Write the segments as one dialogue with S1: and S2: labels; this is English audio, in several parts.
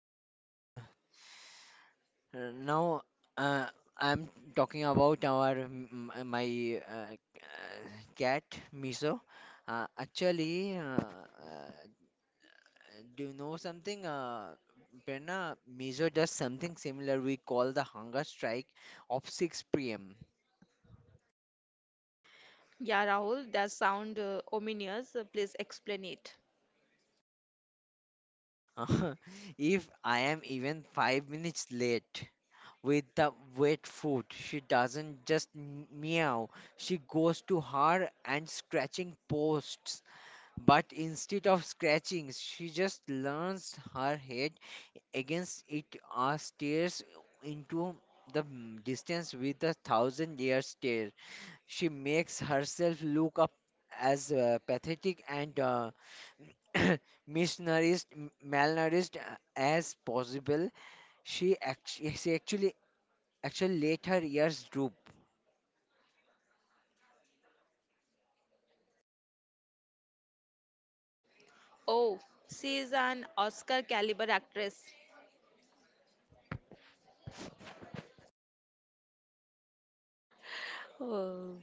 S1: are now. Uh, I'm talking about my cat Miso. Actually, do you know something? Prerna, Miso does something similar. We call the hunger strike of 6 p.m.
S2: Yeah, Rahul, that sound ominous. Please explain it.
S1: if I am even 5 minutes late, with the wet food. She doesn't just meow, she goes to her and scratching posts. But instead of scratching, she just leans her head against it or stares into the distance with a thousand year stare. She makes herself look up as pathetic and misnourished, malnourished as possible. She actually, later years droop.
S2: Oh, she is an Oscar caliber actress. Oh.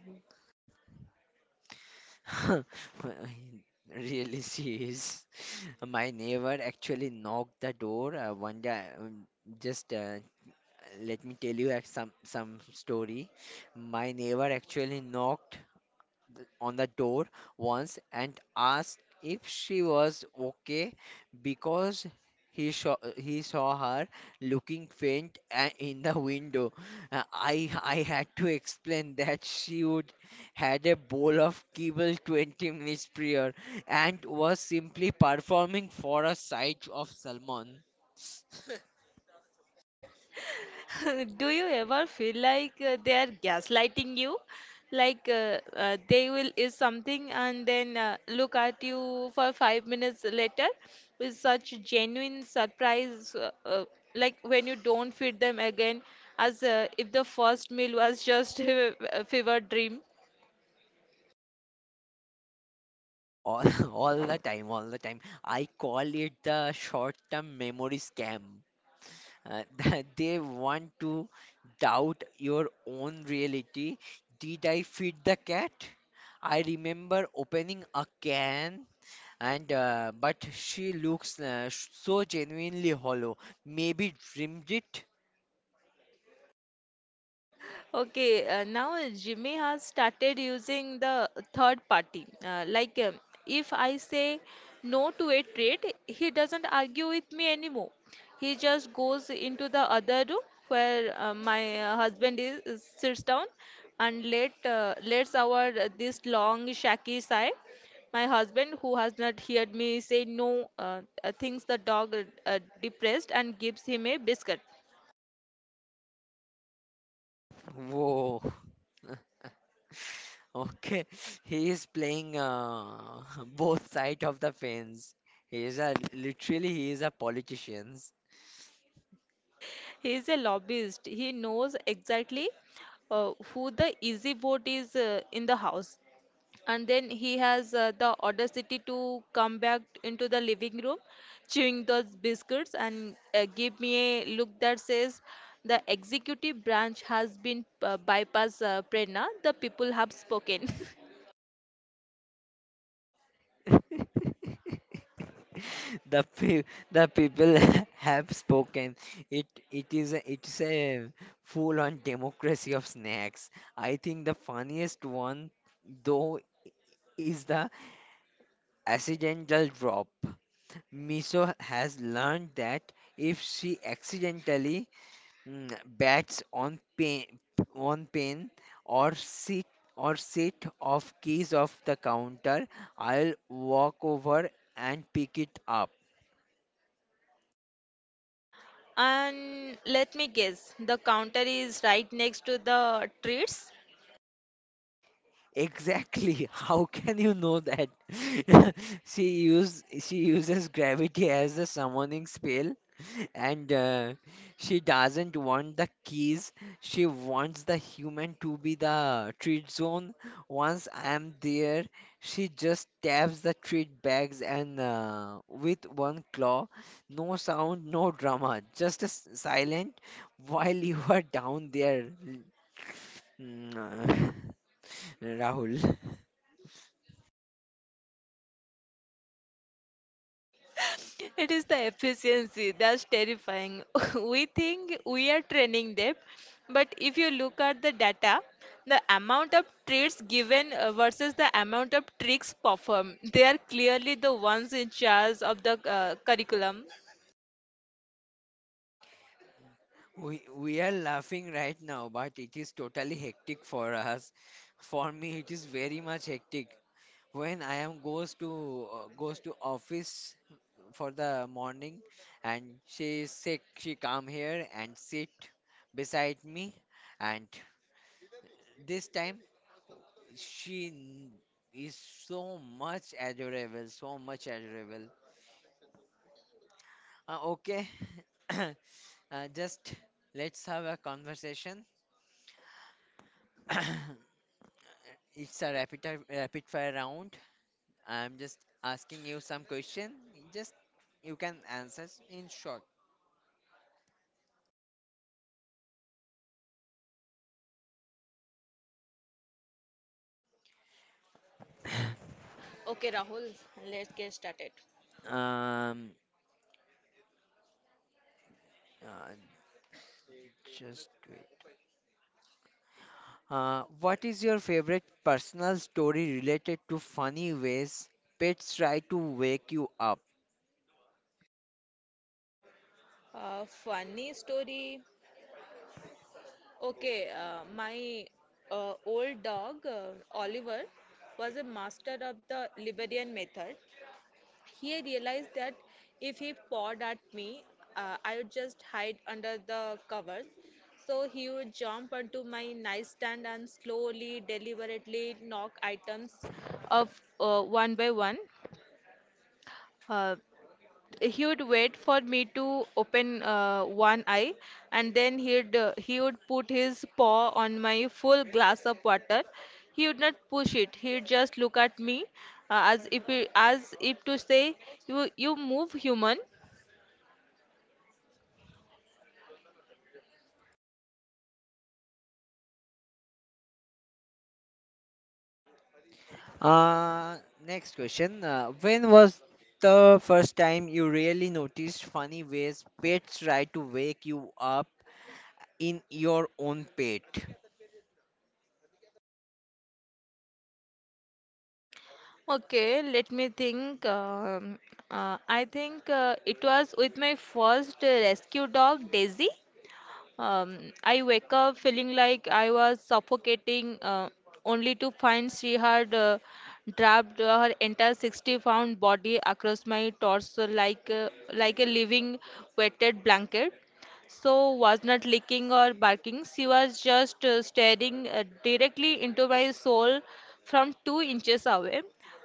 S1: Really, she is. My neighbor actually knocked the door one day. Just let me tell you some story. My neighbor actually knocked on the door once and asked if she was okay, because he saw her looking faint in the window. Uh, I I had to explain that she would had a bowl of kibble 20 minutes prior and was simply performing for a sight of salmon.
S2: Do you ever feel like they are gaslighting you? Like they will is something and then look at you for 5 minutes later with such genuine surprise, like when you don't feed them again, as if the first meal was just a fever dream.
S1: All, all the time, all the time. I call it the short term memory scam, that they want to doubt your own reality. Did I feed the cat? I remember opening a can, and but she looks so genuinely hollow. Maybe dreamed it?
S2: Okay, now Jimmy has started using the third party. Like, if I say no to a trade, he doesn't argue with me anymore. He just goes into the other room where my husband sits down and lets our this long shaky sigh. My husband, who has not heard me say no, thinks the dog depressed and gives him a biscuit.
S1: Whoa. Okay, he is playing both sides of the fence. He is a literally he is a politician.
S2: He is a lobbyist. He knows exactly who the easy vote is in the house. And then he has the audacity to come back into the living room, chewing those biscuits, and give me a look that says, the executive branch has been bypassed, Prerna. The people have spoken.
S1: The pe the people have spoken. It's a full-on democracy of snacks. I think the funniest one though is the accidental drop. Miso has learned that if she accidentally mm, bats on pain or sit or sit off keys off the counter, I'll walk over and pick it up.
S2: And let me guess, the counter is right next to the treats.
S1: Exactly. How can you know that? She uses gravity as a summoning spell, and she doesn't want the keys. She wants the human to be the treat zone. Once I'm there, she just taps the treat bags, and with one claw. No sound, no drama, just a silent while you are down there, mm, Rahul.
S2: It is the efficiency that's terrifying. We think we are training them, but if you look at the data, the amount of treats given versus the amount of tricks performed, they are clearly the ones in charge of the curriculum.
S1: We are laughing right now, but it is totally hectic for us. For me, it is very much hectic. When I am goes to office for the morning, and she is sick, she come here and sit beside me, and this time she n- is so much adorable, so much adorable. Okay, uh, just let's have a conversation. It's a rapid fire round. I'm just asking you some question. Just you can answer in short. Um, uh, just wait. What is your favorite personal story related to funny ways pets try to wake you up?
S2: Funny story. Okay, my old dog, Oliver, was a master of the Liberian method. He realized that if he pawed at me, I would just hide under the covers. So he would jump onto my nightstand and slowly, deliberately knock items off one by one. Uh, he would wait for me to open one eye and then he would put his paw on my full glass of water. He would not push it. He'd just look at me as if he- as if to say, you move, human.
S1: Uh, Next question. When was the first time you really noticed funny ways pets try to wake you up in your own pet?
S2: Okay, let me think. I think it was with my first rescue dog, Daisy. I wake up feeling like I was suffocating, only to find she had draped her entire 60-pound body across my torso like a living wetted blanket. So was not licking or barking. She was just staring directly into my soul from 2 inches away,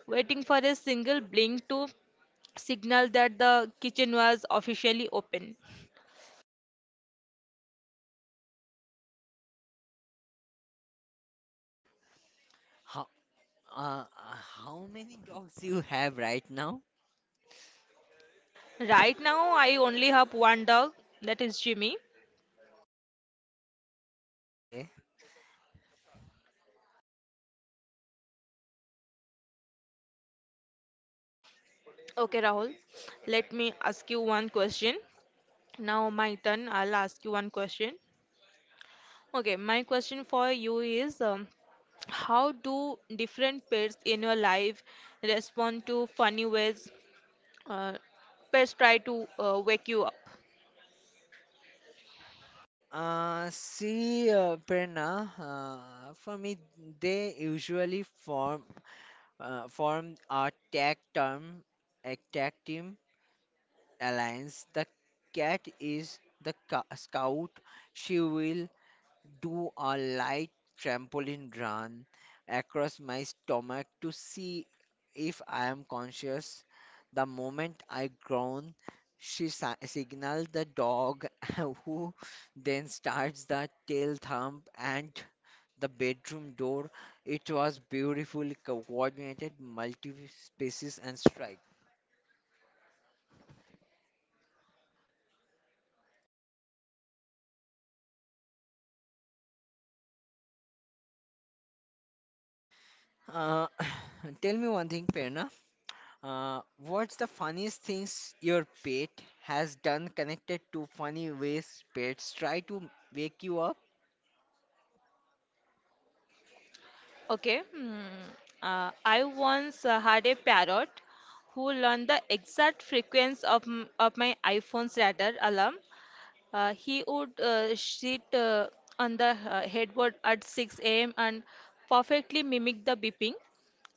S2: waiting for a single blink to signal that the kitchen was officially open.
S1: Uh, how many dogs you have right now?
S2: Right now, I only have one dog, that is Jimmy.
S1: Okay.
S2: Okay, Rahul, let me ask you one question. Now, my turn, I'll ask you one question. Okay, my question for you is how do different pets in your life respond to funny ways uh, pets try to wake you up?
S1: See, Prerna, for me, they usually form a tag team alliance. The cat is the scout. She will do a light trampoline run across my stomach to see if I am conscious. The moment I groan, she signaled the dog, who then starts the tail thump and the bedroom door. It was beautifully coordinated, multi species and strike. Uh, tell me one thing, Perna. What's the funniest things your pet has done connected to funny ways pets try to wake you up?
S2: Okay, hmm, I once had a parrot who learned the exact frequency of my iPhone's radar alarm. He would sit on the headboard at 6 a.m. and perfectly mimic the beeping.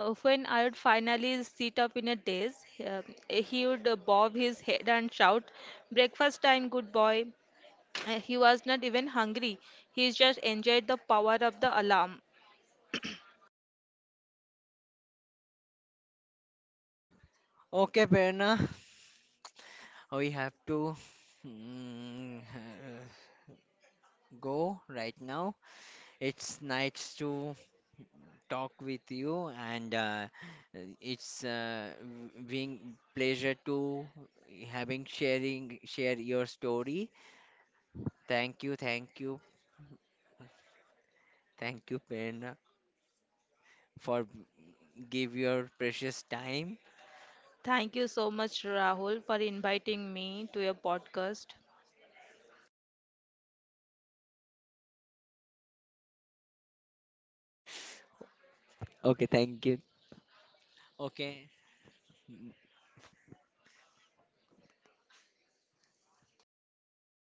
S2: When I would finally sit up in a daze, uh, he would bob his head and shout, breakfast time, good boy. He was not even hungry. He just enjoyed the power of the alarm.
S1: Okay, Prerna, we have to mm, go right now. It's nice to talk with you, and it's being pleasure to having sharing share your story. Thank you, thank you, thank you, Prerna, for give your precious time.
S2: Thank you so much, Rahul, for inviting me to your podcast.
S1: Okay, thank you. Okay,